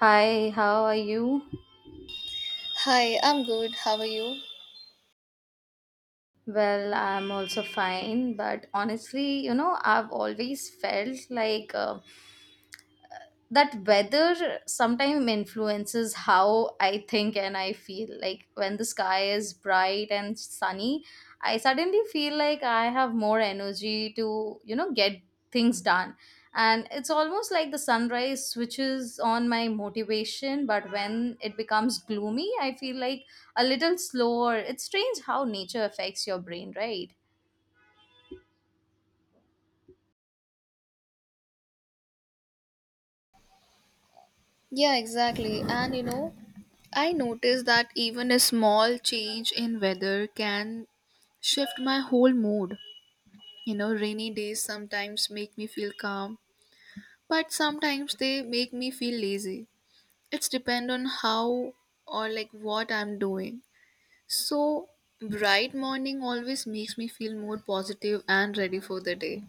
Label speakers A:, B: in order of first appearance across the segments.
A: Hi, how are you?
B: Hi, I'm good. How are you?
A: Well, I'm also fine, but honestly, you know, I've always felt like that weather sometimes influences how I think and I feel. Like when the sky is bright and sunny, I suddenly feel like I have more energy to, you know, get things done. And it's almost like the sunrise switches on my motivation, but when it becomes gloomy, I feel like a little slower. It's strange how nature affects your brain, right?
B: Yeah, exactly. And you know, I noticed that even a small change in weather can shift my whole mood. You know, rainy days sometimes make me feel calm, but sometimes they make me feel lazy. It's depend on how or like what I'm doing. So, bright morning always makes me feel more positive and ready for the day.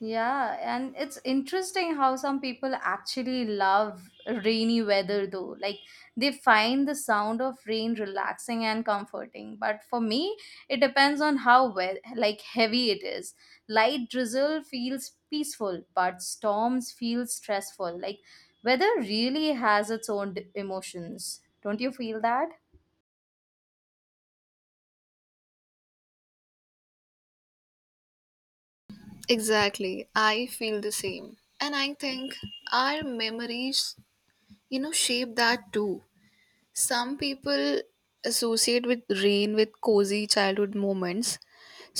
A: Yeah, and it's interesting how some people actually love rainy weather though. Like they find the sound of rain relaxing and comforting. But for me, it depends on how like heavy it is. Light drizzle feels peaceful, but storms feel stressful. Like weather really has its own emotions. Don't you feel that?
B: Exactly. I feel the same. And I think our memories, you know, shape that too. Some people associate with rain with cozy childhood moments,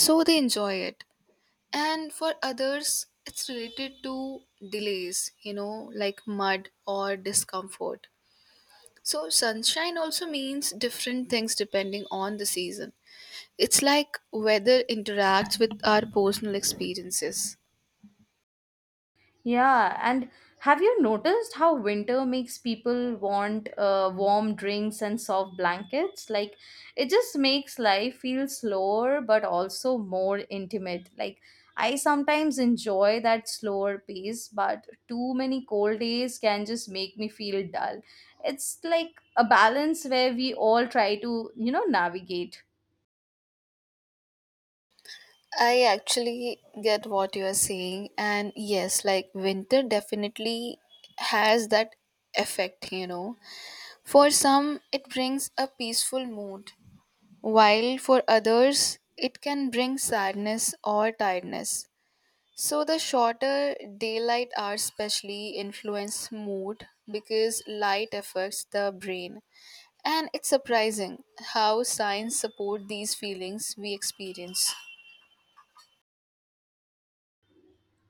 B: so they enjoy it. And for others, it's related to delays, you know, like mud or discomfort. So, sunshine also means different things depending on the season. It's like weather interacts with our personal experiences.
A: Yeah, and have you noticed how winter makes people want warm drinks and soft blankets? Like, it just makes life feel slower but also more intimate. Like, I sometimes enjoy that slower pace, but too many cold days can just make me feel dull. It's like a balance where we all try to, you know, navigate.
B: I actually get what you are saying, and yes, like winter definitely has that effect, you know. For some, it brings a peaceful mood, while for others, it can bring sadness or tiredness. So, the shorter daylight hours, especially, influence mood because light affects the brain. And it's surprising how science support these feelings we experience.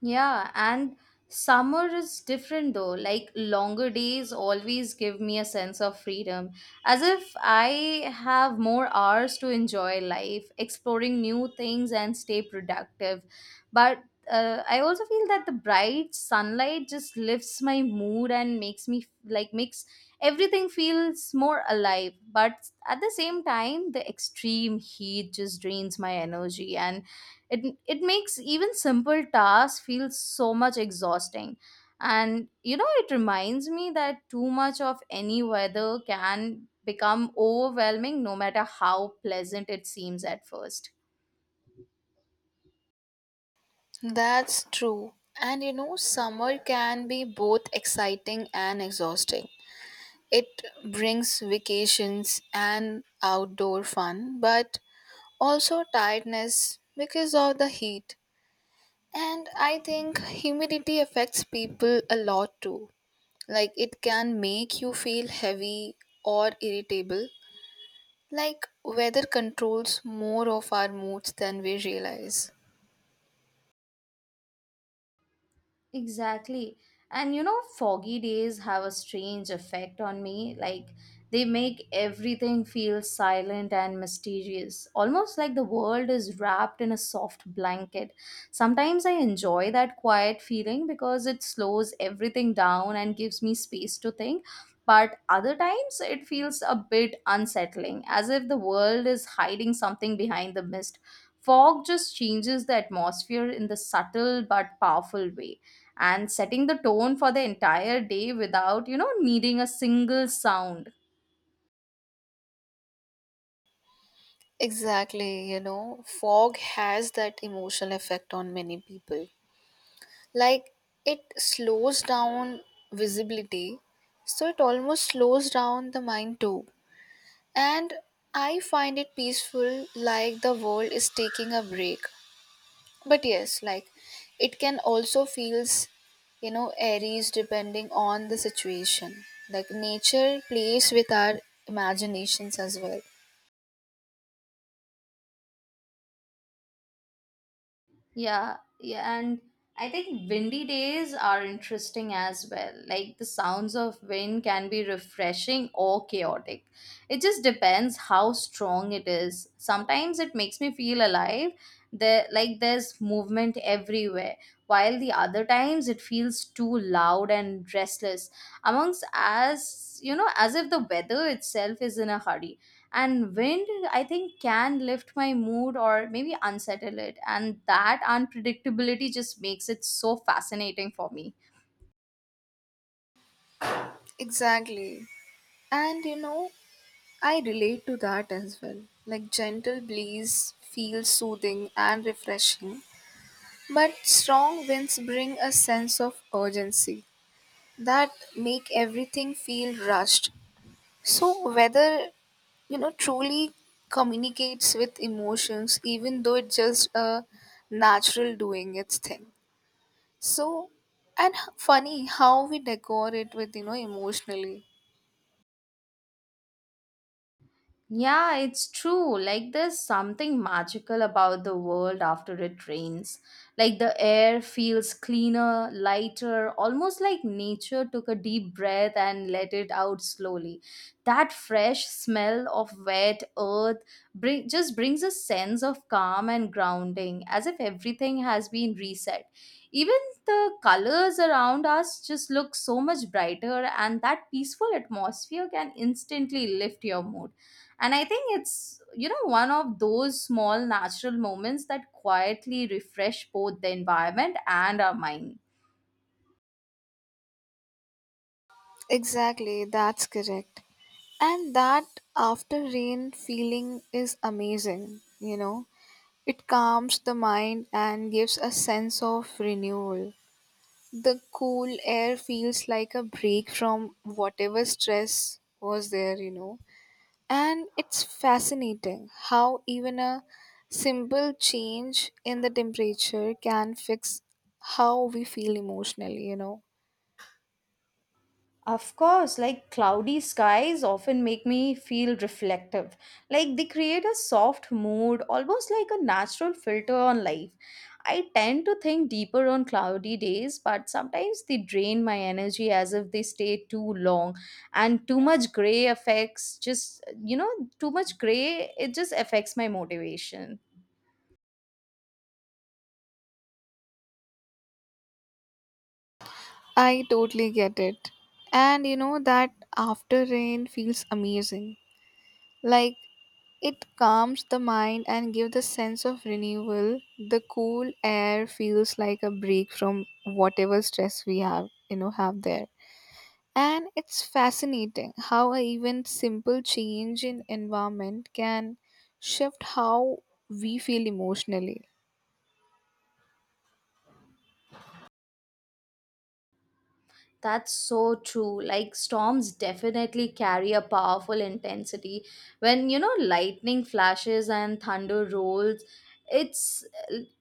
A: Yeah, and summer is different though. Like longer days always give me a sense of freedom, as if I have more hours to enjoy life, exploring new things, and stay productive. But I also feel that the bright sunlight just lifts my mood and makes me like makes everything feels more alive. But at the same time, the extreme heat just drains my energy and it it makes even simple tasks feel so much exhausting, and you know it reminds me that too much of any weather can become overwhelming no matter how pleasant it seems at first.
B: That's true. And you know, summer can be both exciting and exhausting. It brings vacations and outdoor fun, but also tiredness because of the heat. And I think humidity affects people a lot too. Like it can make you feel heavy or irritable. Like weather controls more of our moods than we realize.
A: Exactly. And you know, foggy days have a strange effect on me. Like, they make everything feel silent and mysterious, almost like the world is wrapped in a soft blanket. Sometimes I enjoy that quiet feeling because it slows everything down and gives me space to think. But other times it feels a bit unsettling, as if the world is hiding something behind the mist. Fog just changes the atmosphere in the subtle but powerful way and setting the tone for the entire day without, you know, needing a single sound.
B: Exactly, you know, fog has that emotional effect on many people. Like it slows down visibility, so it almost slows down the mind too. And I find it peaceful, like the world is taking a break. But yes, like it can also feels, you know, varies depending on the situation. Like nature plays with our imaginations as well.
A: Yeah, and I think windy days are interesting as well. Like the sounds of wind can be refreshing or chaotic. It just depends how strong it is. Sometimes it makes me feel alive. There, like there's movement everywhere. While the other times it feels too loud and restless. Amongst as you know, as if the weather itself is in a hurry. And wind, I think, can lift my mood or maybe unsettle it, and that unpredictability just makes it so fascinating for me.
B: Exactly. And you know, I relate to that as well. Like gentle breeze feels soothing and refreshing, but strong winds bring a sense of urgency that make everything feel rushed. So weather, you know, truly communicates with emotions even though it's just a natural doing its thing. So and funny how we decor it with, you know, emotionally.
A: Yeah, it's true. Like, there's something magical about the world after it rains. Like, the air feels cleaner, lighter, almost like nature took a deep breath and let it out slowly. That fresh smell of wet earth just brings a sense of calm and grounding, as if everything has been reset. Even the colors around us just look so much brighter, and that peaceful atmosphere can instantly lift your mood. And I think it's, you know, one of those small natural moments that quietly refresh both the environment and our mind.
B: Exactly, that's correct. And that after rain feeling is amazing, you know. It calms the mind and gives a sense of renewal. The cool air feels like a break from whatever stress was there, you know. And it's fascinating how even a simple change in the temperature can fix how we feel emotionally, you know.
A: Of course, like cloudy skies often make me feel reflective. Like they create a soft mood, almost like a natural filter on life. I tend to think deeper on cloudy days, but sometimes they drain my energy as if they stay too long. And too much gray, it just affects my motivation.
B: I totally get it. And you know that after rain feels amazing. Like it calms the mind and gives the sense of renewal. The cool air feels like a break from whatever stress we have, you know, have there. And it's fascinating how a even simple change in environment can shift how we feel emotionally.
A: That's so true. Like storms definitely carry a powerful intensity. When you know lightning flashes and thunder rolls, it's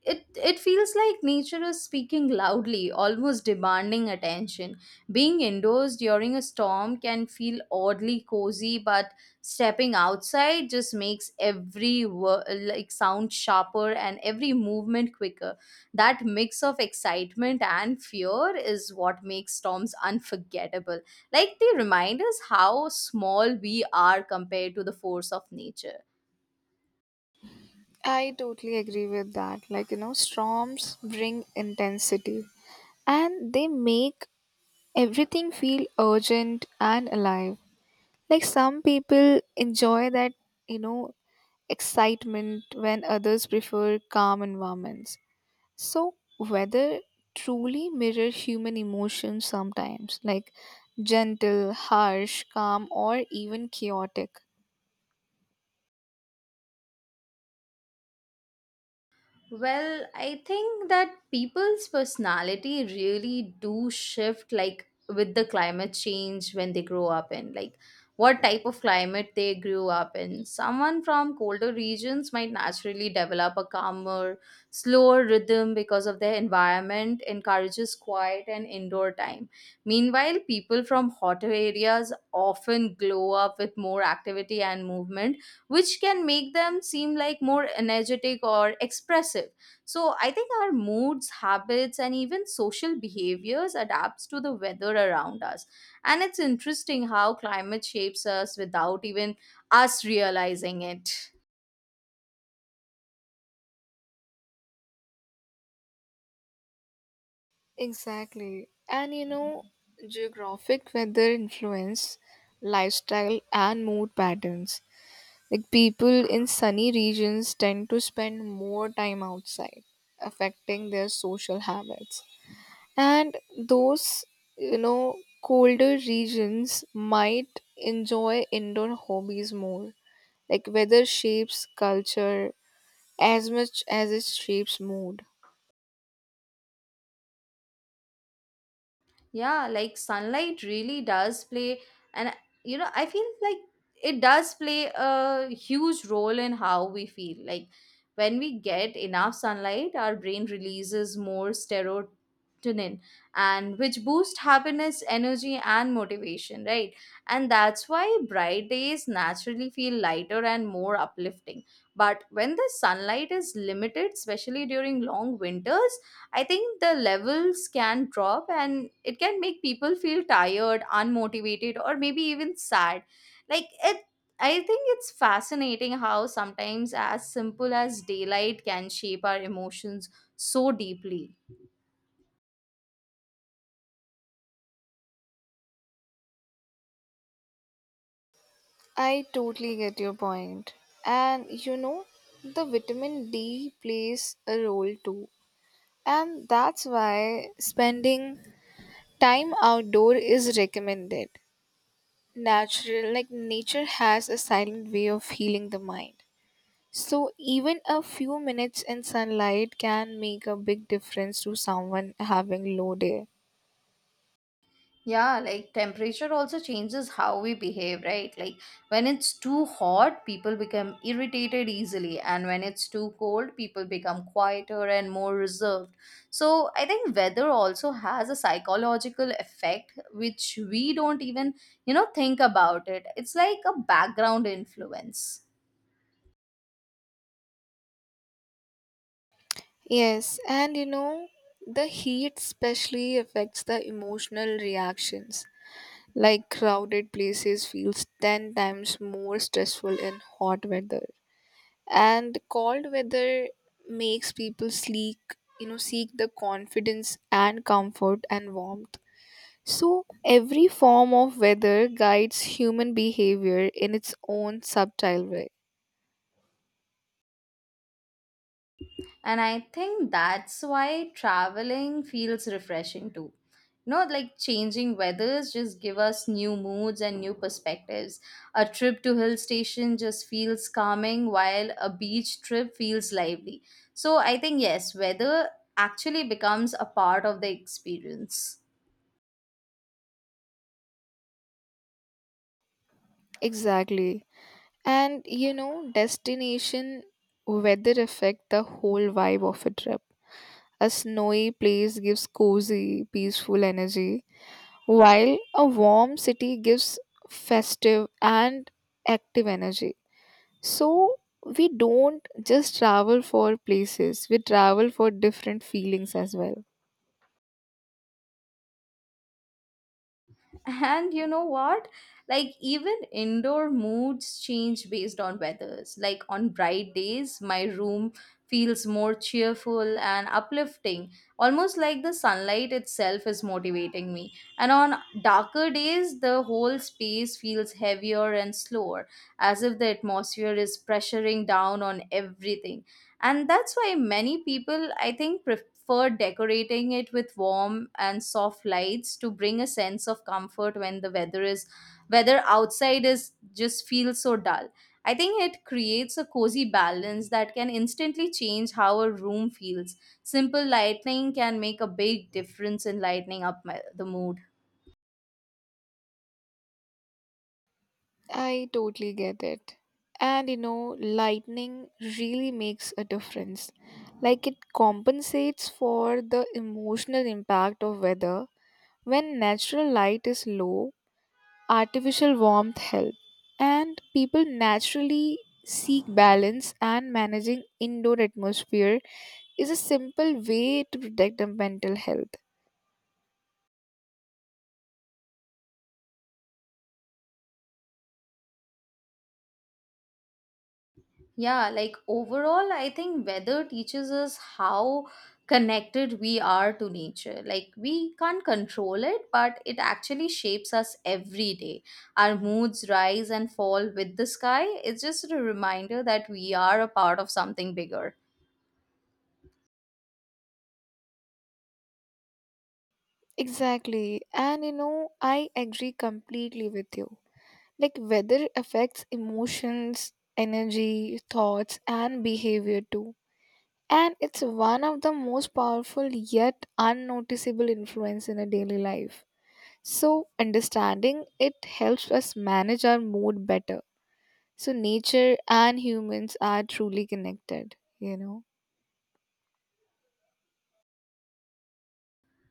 A: it it feels like nature is speaking loudly, almost demanding attention. Being indoors during a storm can feel oddly cozy, but stepping outside just makes every like sound sharper and every movement quicker. That mix of excitement and fear is what makes storms unforgettable. Like they remind us how small we are compared to the force of nature.
B: I totally agree with that. Like, you know, storms bring intensity and they make everything feel urgent and alive. Like some people enjoy that, you know, excitement when others prefer calm environments. So, weather truly mirror human emotions sometimes, like gentle, harsh, calm, or even chaotic.
A: Well, I think that people's personality really do shift like with the climate change when they grow up in like what type of climate they grew up in. Someone from colder regions might naturally develop a calmer, slower rhythm because of their environment encourages quiet and indoor time. Meanwhile, people from hotter areas often glow up with more activity and movement, which can make them seem like more energetic or expressive. So I think our moods, habits, and even social behaviors adapts to the weather around us. And it's interesting how climate shapes us without even us realizing it.
B: Exactly. And you know, geographic weather influence lifestyle and mood patterns. Like people in sunny regions tend to spend more time outside, affecting their social habits. And those, you know, colder regions might enjoy indoor hobbies more. Like weather shapes culture as much as it shapes mood.
A: Yeah, like sunlight really does play, and you know I feel like it does play a huge role in how we feel. Like when we get enough sunlight our brain releases more serotonin, and which boost happiness, energy, and motivation, right? And that's why bright days naturally feel lighter and more uplifting. But when the sunlight is limited, especially during long winters, I think the levels can drop and it can make people feel tired, unmotivated, or maybe even sad. Like it, I think it's fascinating how sometimes as simple as daylight can shape our emotions so deeply.
B: I totally get your point. And you know, the vitamin D plays a role too. And that's why spending time outdoor is recommended. Natural, like nature has a silent way of healing the mind. So even a few minutes in sunlight can make a big difference to someone having low day.
A: Yeah, like temperature also changes how we behave, right? Like when it's too hot, people become irritated easily, and when it's too cold, people become quieter and more reserved. So, I think weather also has a psychological effect which we don't even, you know, think about it. It's like a background influence.
B: Yes, and you know, the heat especially affects the emotional reactions. Like crowded places feels 10 times more stressful in hot weather. And cold weather makes people sleek, you know, seek the confidence and comfort and warmth. So every form of weather guides human behavior in its own subtle way.
A: And I think that's why traveling feels refreshing too. No, like changing weathers just give us new moods and new perspectives. A trip to hill station just feels calming while a beach trip feels lively. So I think yes, weather actually becomes a part of the experience.
B: Exactly, and you know, destination weather affect the whole vibe of a trip. A snowy place gives cozy peaceful energy, while a warm city gives festive and active energy. So we don't just travel for places, we travel for different feelings as well.
A: And you know what? Like, even indoor moods change based on weathers. Like, on bright days, my room feels more cheerful and uplifting, almost like the sunlight itself is motivating me. And on darker days, the whole space feels heavier and slower, as if the atmosphere is pressuring down on everything. And that's why many people, I think, prefer decorating it with warm and soft lights to bring a sense of comfort when the weather outside is just feels so dull. I think it creates a cozy balance that can instantly change how a room feels. Simple lighting can make a big difference in lightening up my, the mood.
B: I totally get it. And you know, lightning really makes a difference. Like it compensates for the emotional impact of weather. When natural light is low, artificial warmth helps. And people naturally seek balance and managing indoor atmosphere is a simple way to protect the mental health.
A: Yeah, like overall, I think weather teaches us how connected we are to nature. Like we can't control it, but it actually shapes us every day. Our moods rise and fall with the sky. It's just a reminder that we are a part of something bigger.
B: Exactly. And you know, I agree completely with you. Like, weather affects emotions, energy, thoughts, and behavior too. And it's one of the most powerful yet unnoticeable influence in a daily life. So, understanding it helps us manage our mood better. So, nature and humans are truly connected, you know.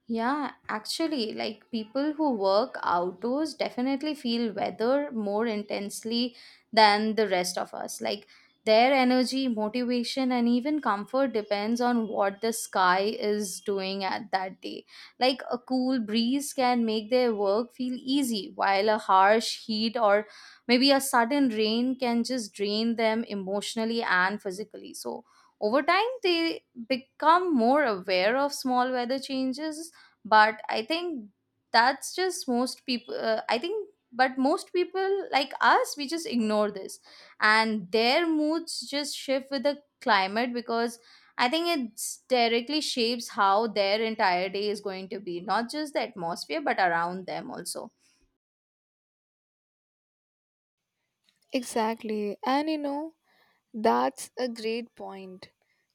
A: Yeah, actually, like people who work outdoors definitely feel weather more intensely than the rest of us. Like their energy, motivation, and even comfort depends on what the sky is doing at that day. Like a cool breeze can make their work feel easy, while a harsh heat or maybe a sudden rain can just drain them emotionally and physically. So over time, they become more aware of small weather changes. But I think that's just most people, I think, but most people like us we just ignore this, and their moods just shift with the climate because I think it directly shapes how their entire day is going to be, not just the atmosphere but around them also.
B: Exactly. And you know, that's a great point.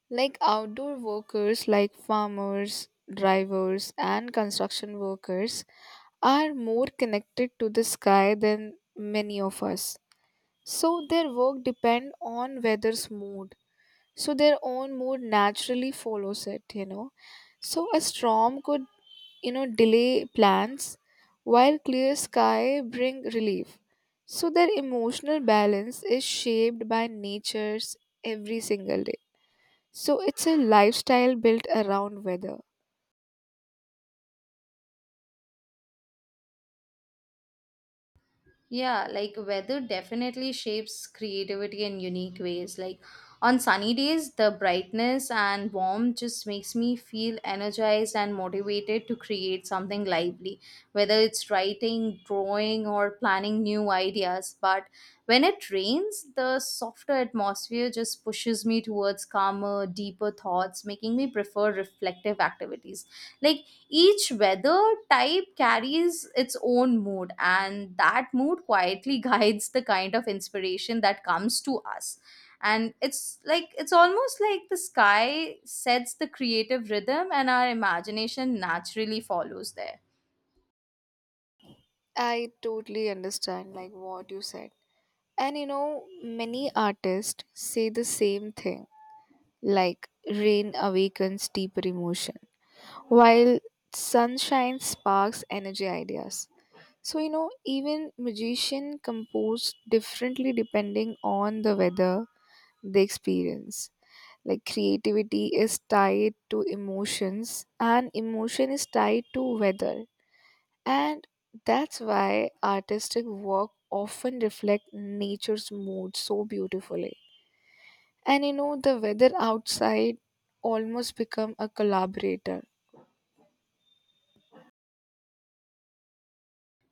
B: Like outdoor workers, like farmers, drivers, and construction workers, are more connected to the sky than many of us. So their work depend on weather's mood. So their own mood naturally follows it, you know. So a storm could, you know, delay plans while clear sky bring relief. So their emotional balance is shaped by nature's every single day. So it's a lifestyle built around weather.
A: Yeah, like weather definitely shapes creativity in unique ways. Like on sunny days, the brightness and warmth just makes me feel energized and motivated to create something lively, whether it's writing, drawing, or planning new ideas. But when it rains, the softer atmosphere just pushes me towards calmer, deeper thoughts, making me prefer reflective activities. Like each weather type carries its own mood, and that mood quietly guides the kind of inspiration that comes to us. And it's like it's almost like the sky sets the creative rhythm, and our imagination naturally follows there.
B: I totally understand like what you said. And you know, many artists say the same thing. Like rain awakens deeper emotion, while sunshine sparks energy ideas. So, you know, even magician compose differently depending on the weather they experience. Like creativity is tied to emotions and emotion is tied to weather. And that's why artistic work often reflect nature's mood so beautifully. And you know, the weather outside almost become a collaborator.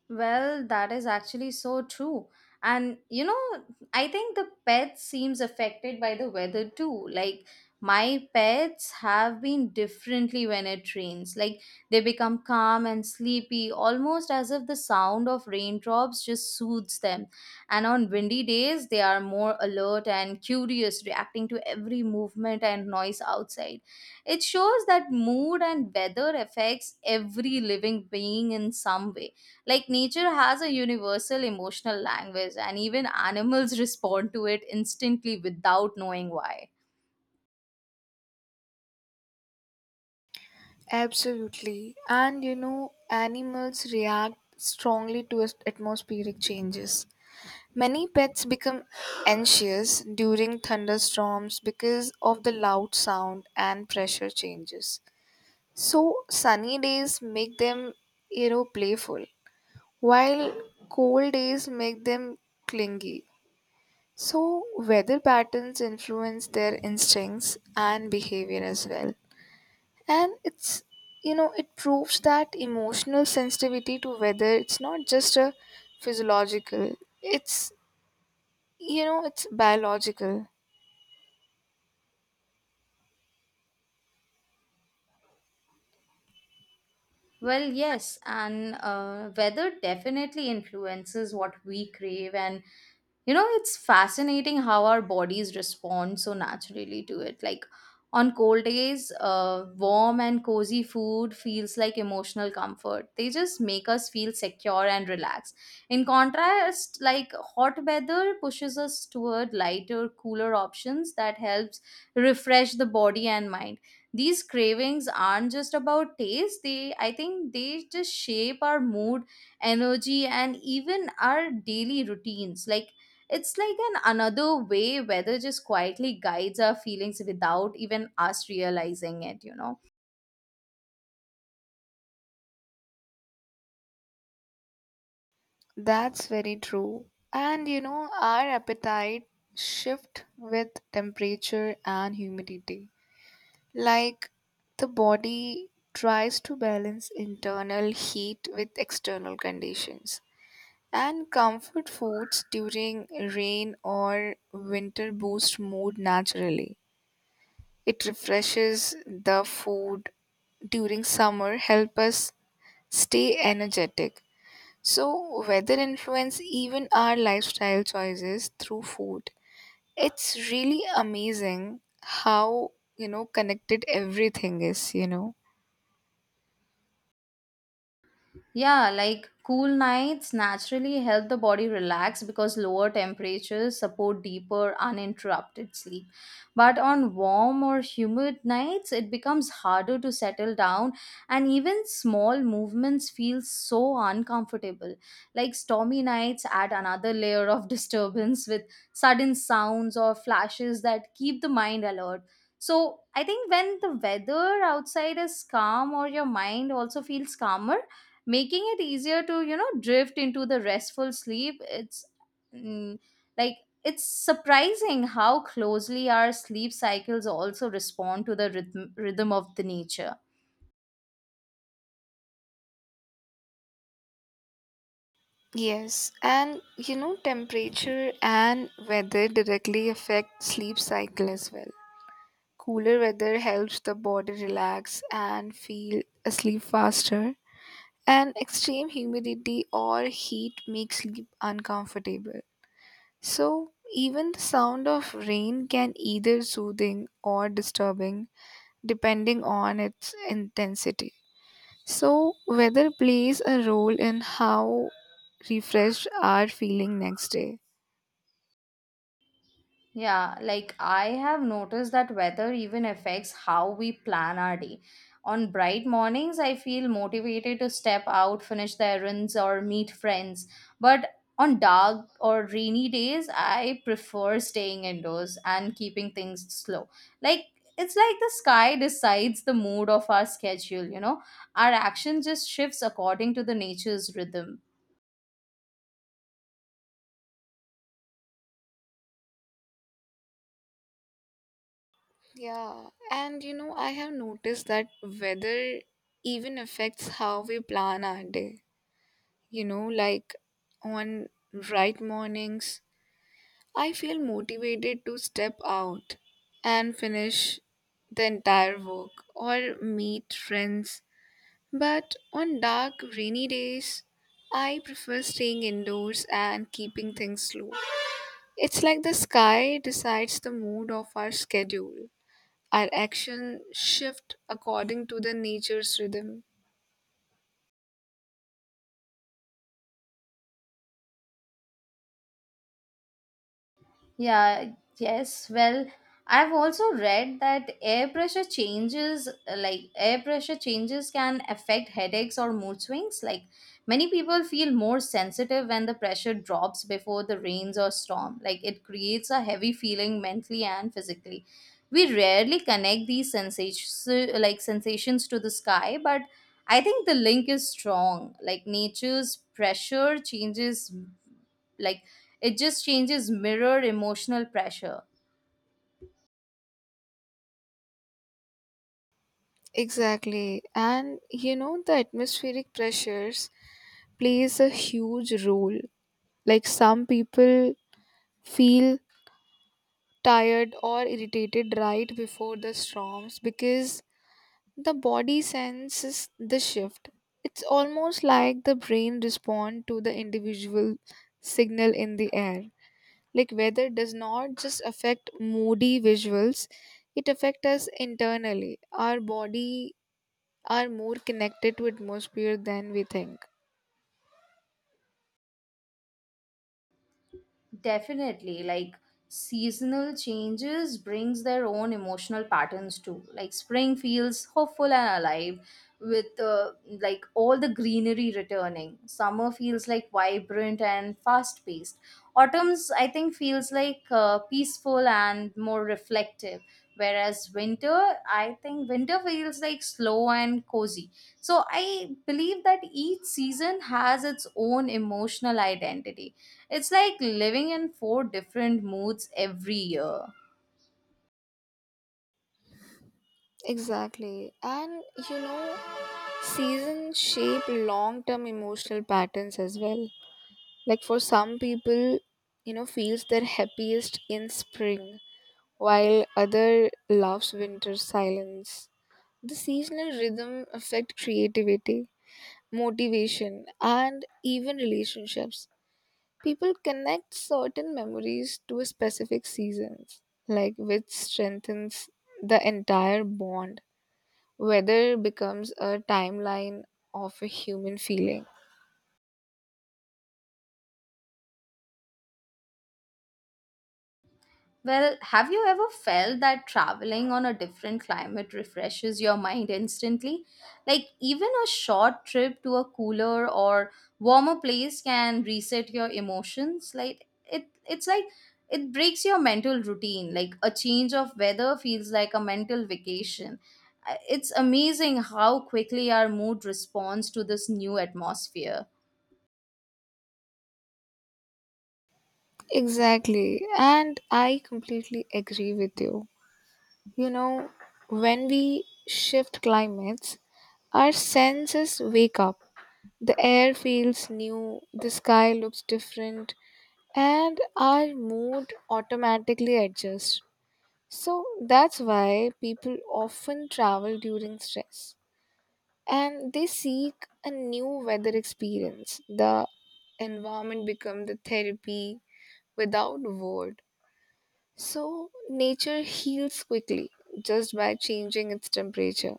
A: Well, that is actually so true. And you know, I think the pet seems affected by the weather too. Like my pets have been differently when it rains. Like they become calm and sleepy, almost as if the sound of raindrops just soothes them. And on windy days, they are more alert and curious, reacting to every movement and noise outside. It shows that mood and weather affects every living being in some way, like nature has a universal emotional language, and even animals respond to it instantly without knowing why.
B: Absolutely. And you know, animals react strongly to atmospheric changes. Many pets become anxious during thunderstorms because of the loud sound and pressure changes. So, sunny days make them, you know, playful, while cold days make them clingy. So, weather patterns influence their instincts and behavior as well. And it's, you know, it proves that emotional sensitivity to weather, it's not just a physiological, it's, you know, it's biological.
A: Well, yes, and weather definitely influences what we crave. And you know, it's fascinating how our bodies respond so naturally to it. Like on cold days, warm and cozy food feels like emotional comfort. They just make us feel secure and relaxed. In contrast, like hot weather pushes us toward lighter, cooler options that helps refresh the body and mind. These cravings aren't just about taste. They, I think, they just shape our mood, energy, and even our daily routines. Like it's like an another way weather just quietly guides our feelings without even us realizing it, you know.
B: That's very true. And you know, our appetite shift with temperature and humidity. Like the body tries to balance internal heat with external conditions. And comfort foods during rain or winter boost mood naturally. It refreshes the food during summer, help us stay energetic. So weather influence even our lifestyle choices through food. It's really amazing how, you know, connected everything is, you know.
A: Yeah, like cool nights naturally help the body relax because lower temperatures support deeper, uninterrupted sleep. But on warm or humid nights, it becomes harder to settle down, and even small movements feel so uncomfortable. Like stormy nights add another layer of disturbance with sudden sounds or flashes that keep the mind alert. So, I think when the weather outside is calm or your mind also feels calmer, making it easier to you know drift into the restful sleep. It's mm, like it's surprising how closely our sleep cycles also respond to the rhythm of the nature.
B: Yes, and you know, temperature and weather directly affect sleep cycle as well. Cooler weather helps the body relax and feel asleep faster, and extreme humidity or heat makes sleep uncomfortable. So, even the sound of rain can either soothing or disturbing depending on its intensity. So, weather plays a role in how refreshed are feeling next day.
A: Yeah, like I have noticed that weather even affects how we plan our day. On bright mornings, I feel motivated to step out, finish the errands, or meet friends. But on dark or rainy days, I prefer staying indoors and keeping things slow. Like it's like the sky decides the mood of our schedule, you know? Our action just shifts according to the nature's rhythm.
B: Yeah, and you know, I have noticed that weather even affects how we plan our day. You know, like on right mornings, I feel motivated to step out and finish the entire work or meet friends. But on dark, rainy days, I prefer staying indoors and keeping things slow. It's like the sky decides the mood of our schedule. Our action shift according to the nature's rhythm.
A: Yeah, yes. Well, I've also read that air pressure changes can affect headaches or mood swings. Like many people feel more sensitive when the pressure drops before the rains or storm. Like it creates a heavy feeling mentally and physically. We rarely connect these sensations to the sky, but I think the link is strong. Like nature's pressure changes, like it just changes mirror emotional pressure.
B: Exactly. And you know, the atmospheric pressures plays a huge role. Like some people feel tired or irritated right before the storms because the body senses the shift. It's almost like the brain responds to the individual signal in the air. Like weather does not just affect moody visuals, it affects us internally. Our body are more connected to atmosphere than we think.
A: Definitely, like seasonal changes brings their own emotional patterns too. Like spring feels hopeful and alive with like all the greenery returning, summer feels like vibrant and fast paced, autumn's I think feels like peaceful and more reflective, whereas winter I think winter feels like slow and cozy. So I believe that each season has its own emotional identity. It's like living in four different moods every year.
B: Exactly. And you know, seasons shape long term emotional patterns as well. Like for some people, you know, feels their happiest in spring, while other loves winter silence. The seasonal rhythm affect creativity, motivation, and even relationships. People connect certain memories to a specific seasons, like which strengthens the entire bond. Weather becomes a timeline of a human feeling.
A: Well, have you ever felt that traveling on a different climate refreshes your mind instantly? Like, even a short trip to a cooler or warmer place can reset your emotions. Like, it's like it breaks your mental routine. Like, a change of weather feels like a mental vacation. It's amazing how quickly our mood responds to this new atmosphere.
B: Exactly. And I completely agree with you. You know, when we shift climates, our senses wake up. The air feels new, the sky looks different, and our mood automatically adjusts. So that's why people often travel during stress and they seek a new weather experience. The environment becomes the therapy without word. So, nature heals quickly just by changing its temperature.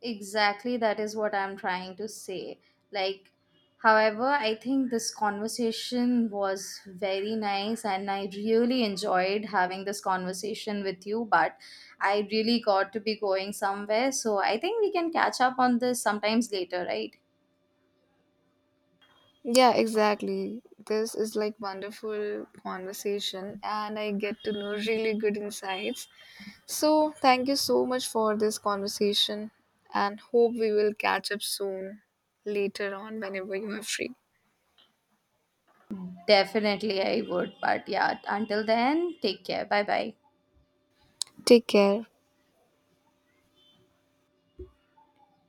A: Exactly, that is what I'm trying to say. Like, however, I think this conversation was very nice and I really enjoyed having this conversation with you, but I really got to be going somewhere. So I think we can catch up on this sometimes later, right?
B: Yeah, exactly. This is like wonderful conversation and I get to know really good insights. So, thank you so much for this conversation and hope we will catch up soon later on whenever you are free.
A: Definitely, I would. But yeah, until then, take care. Bye bye.
B: Take care.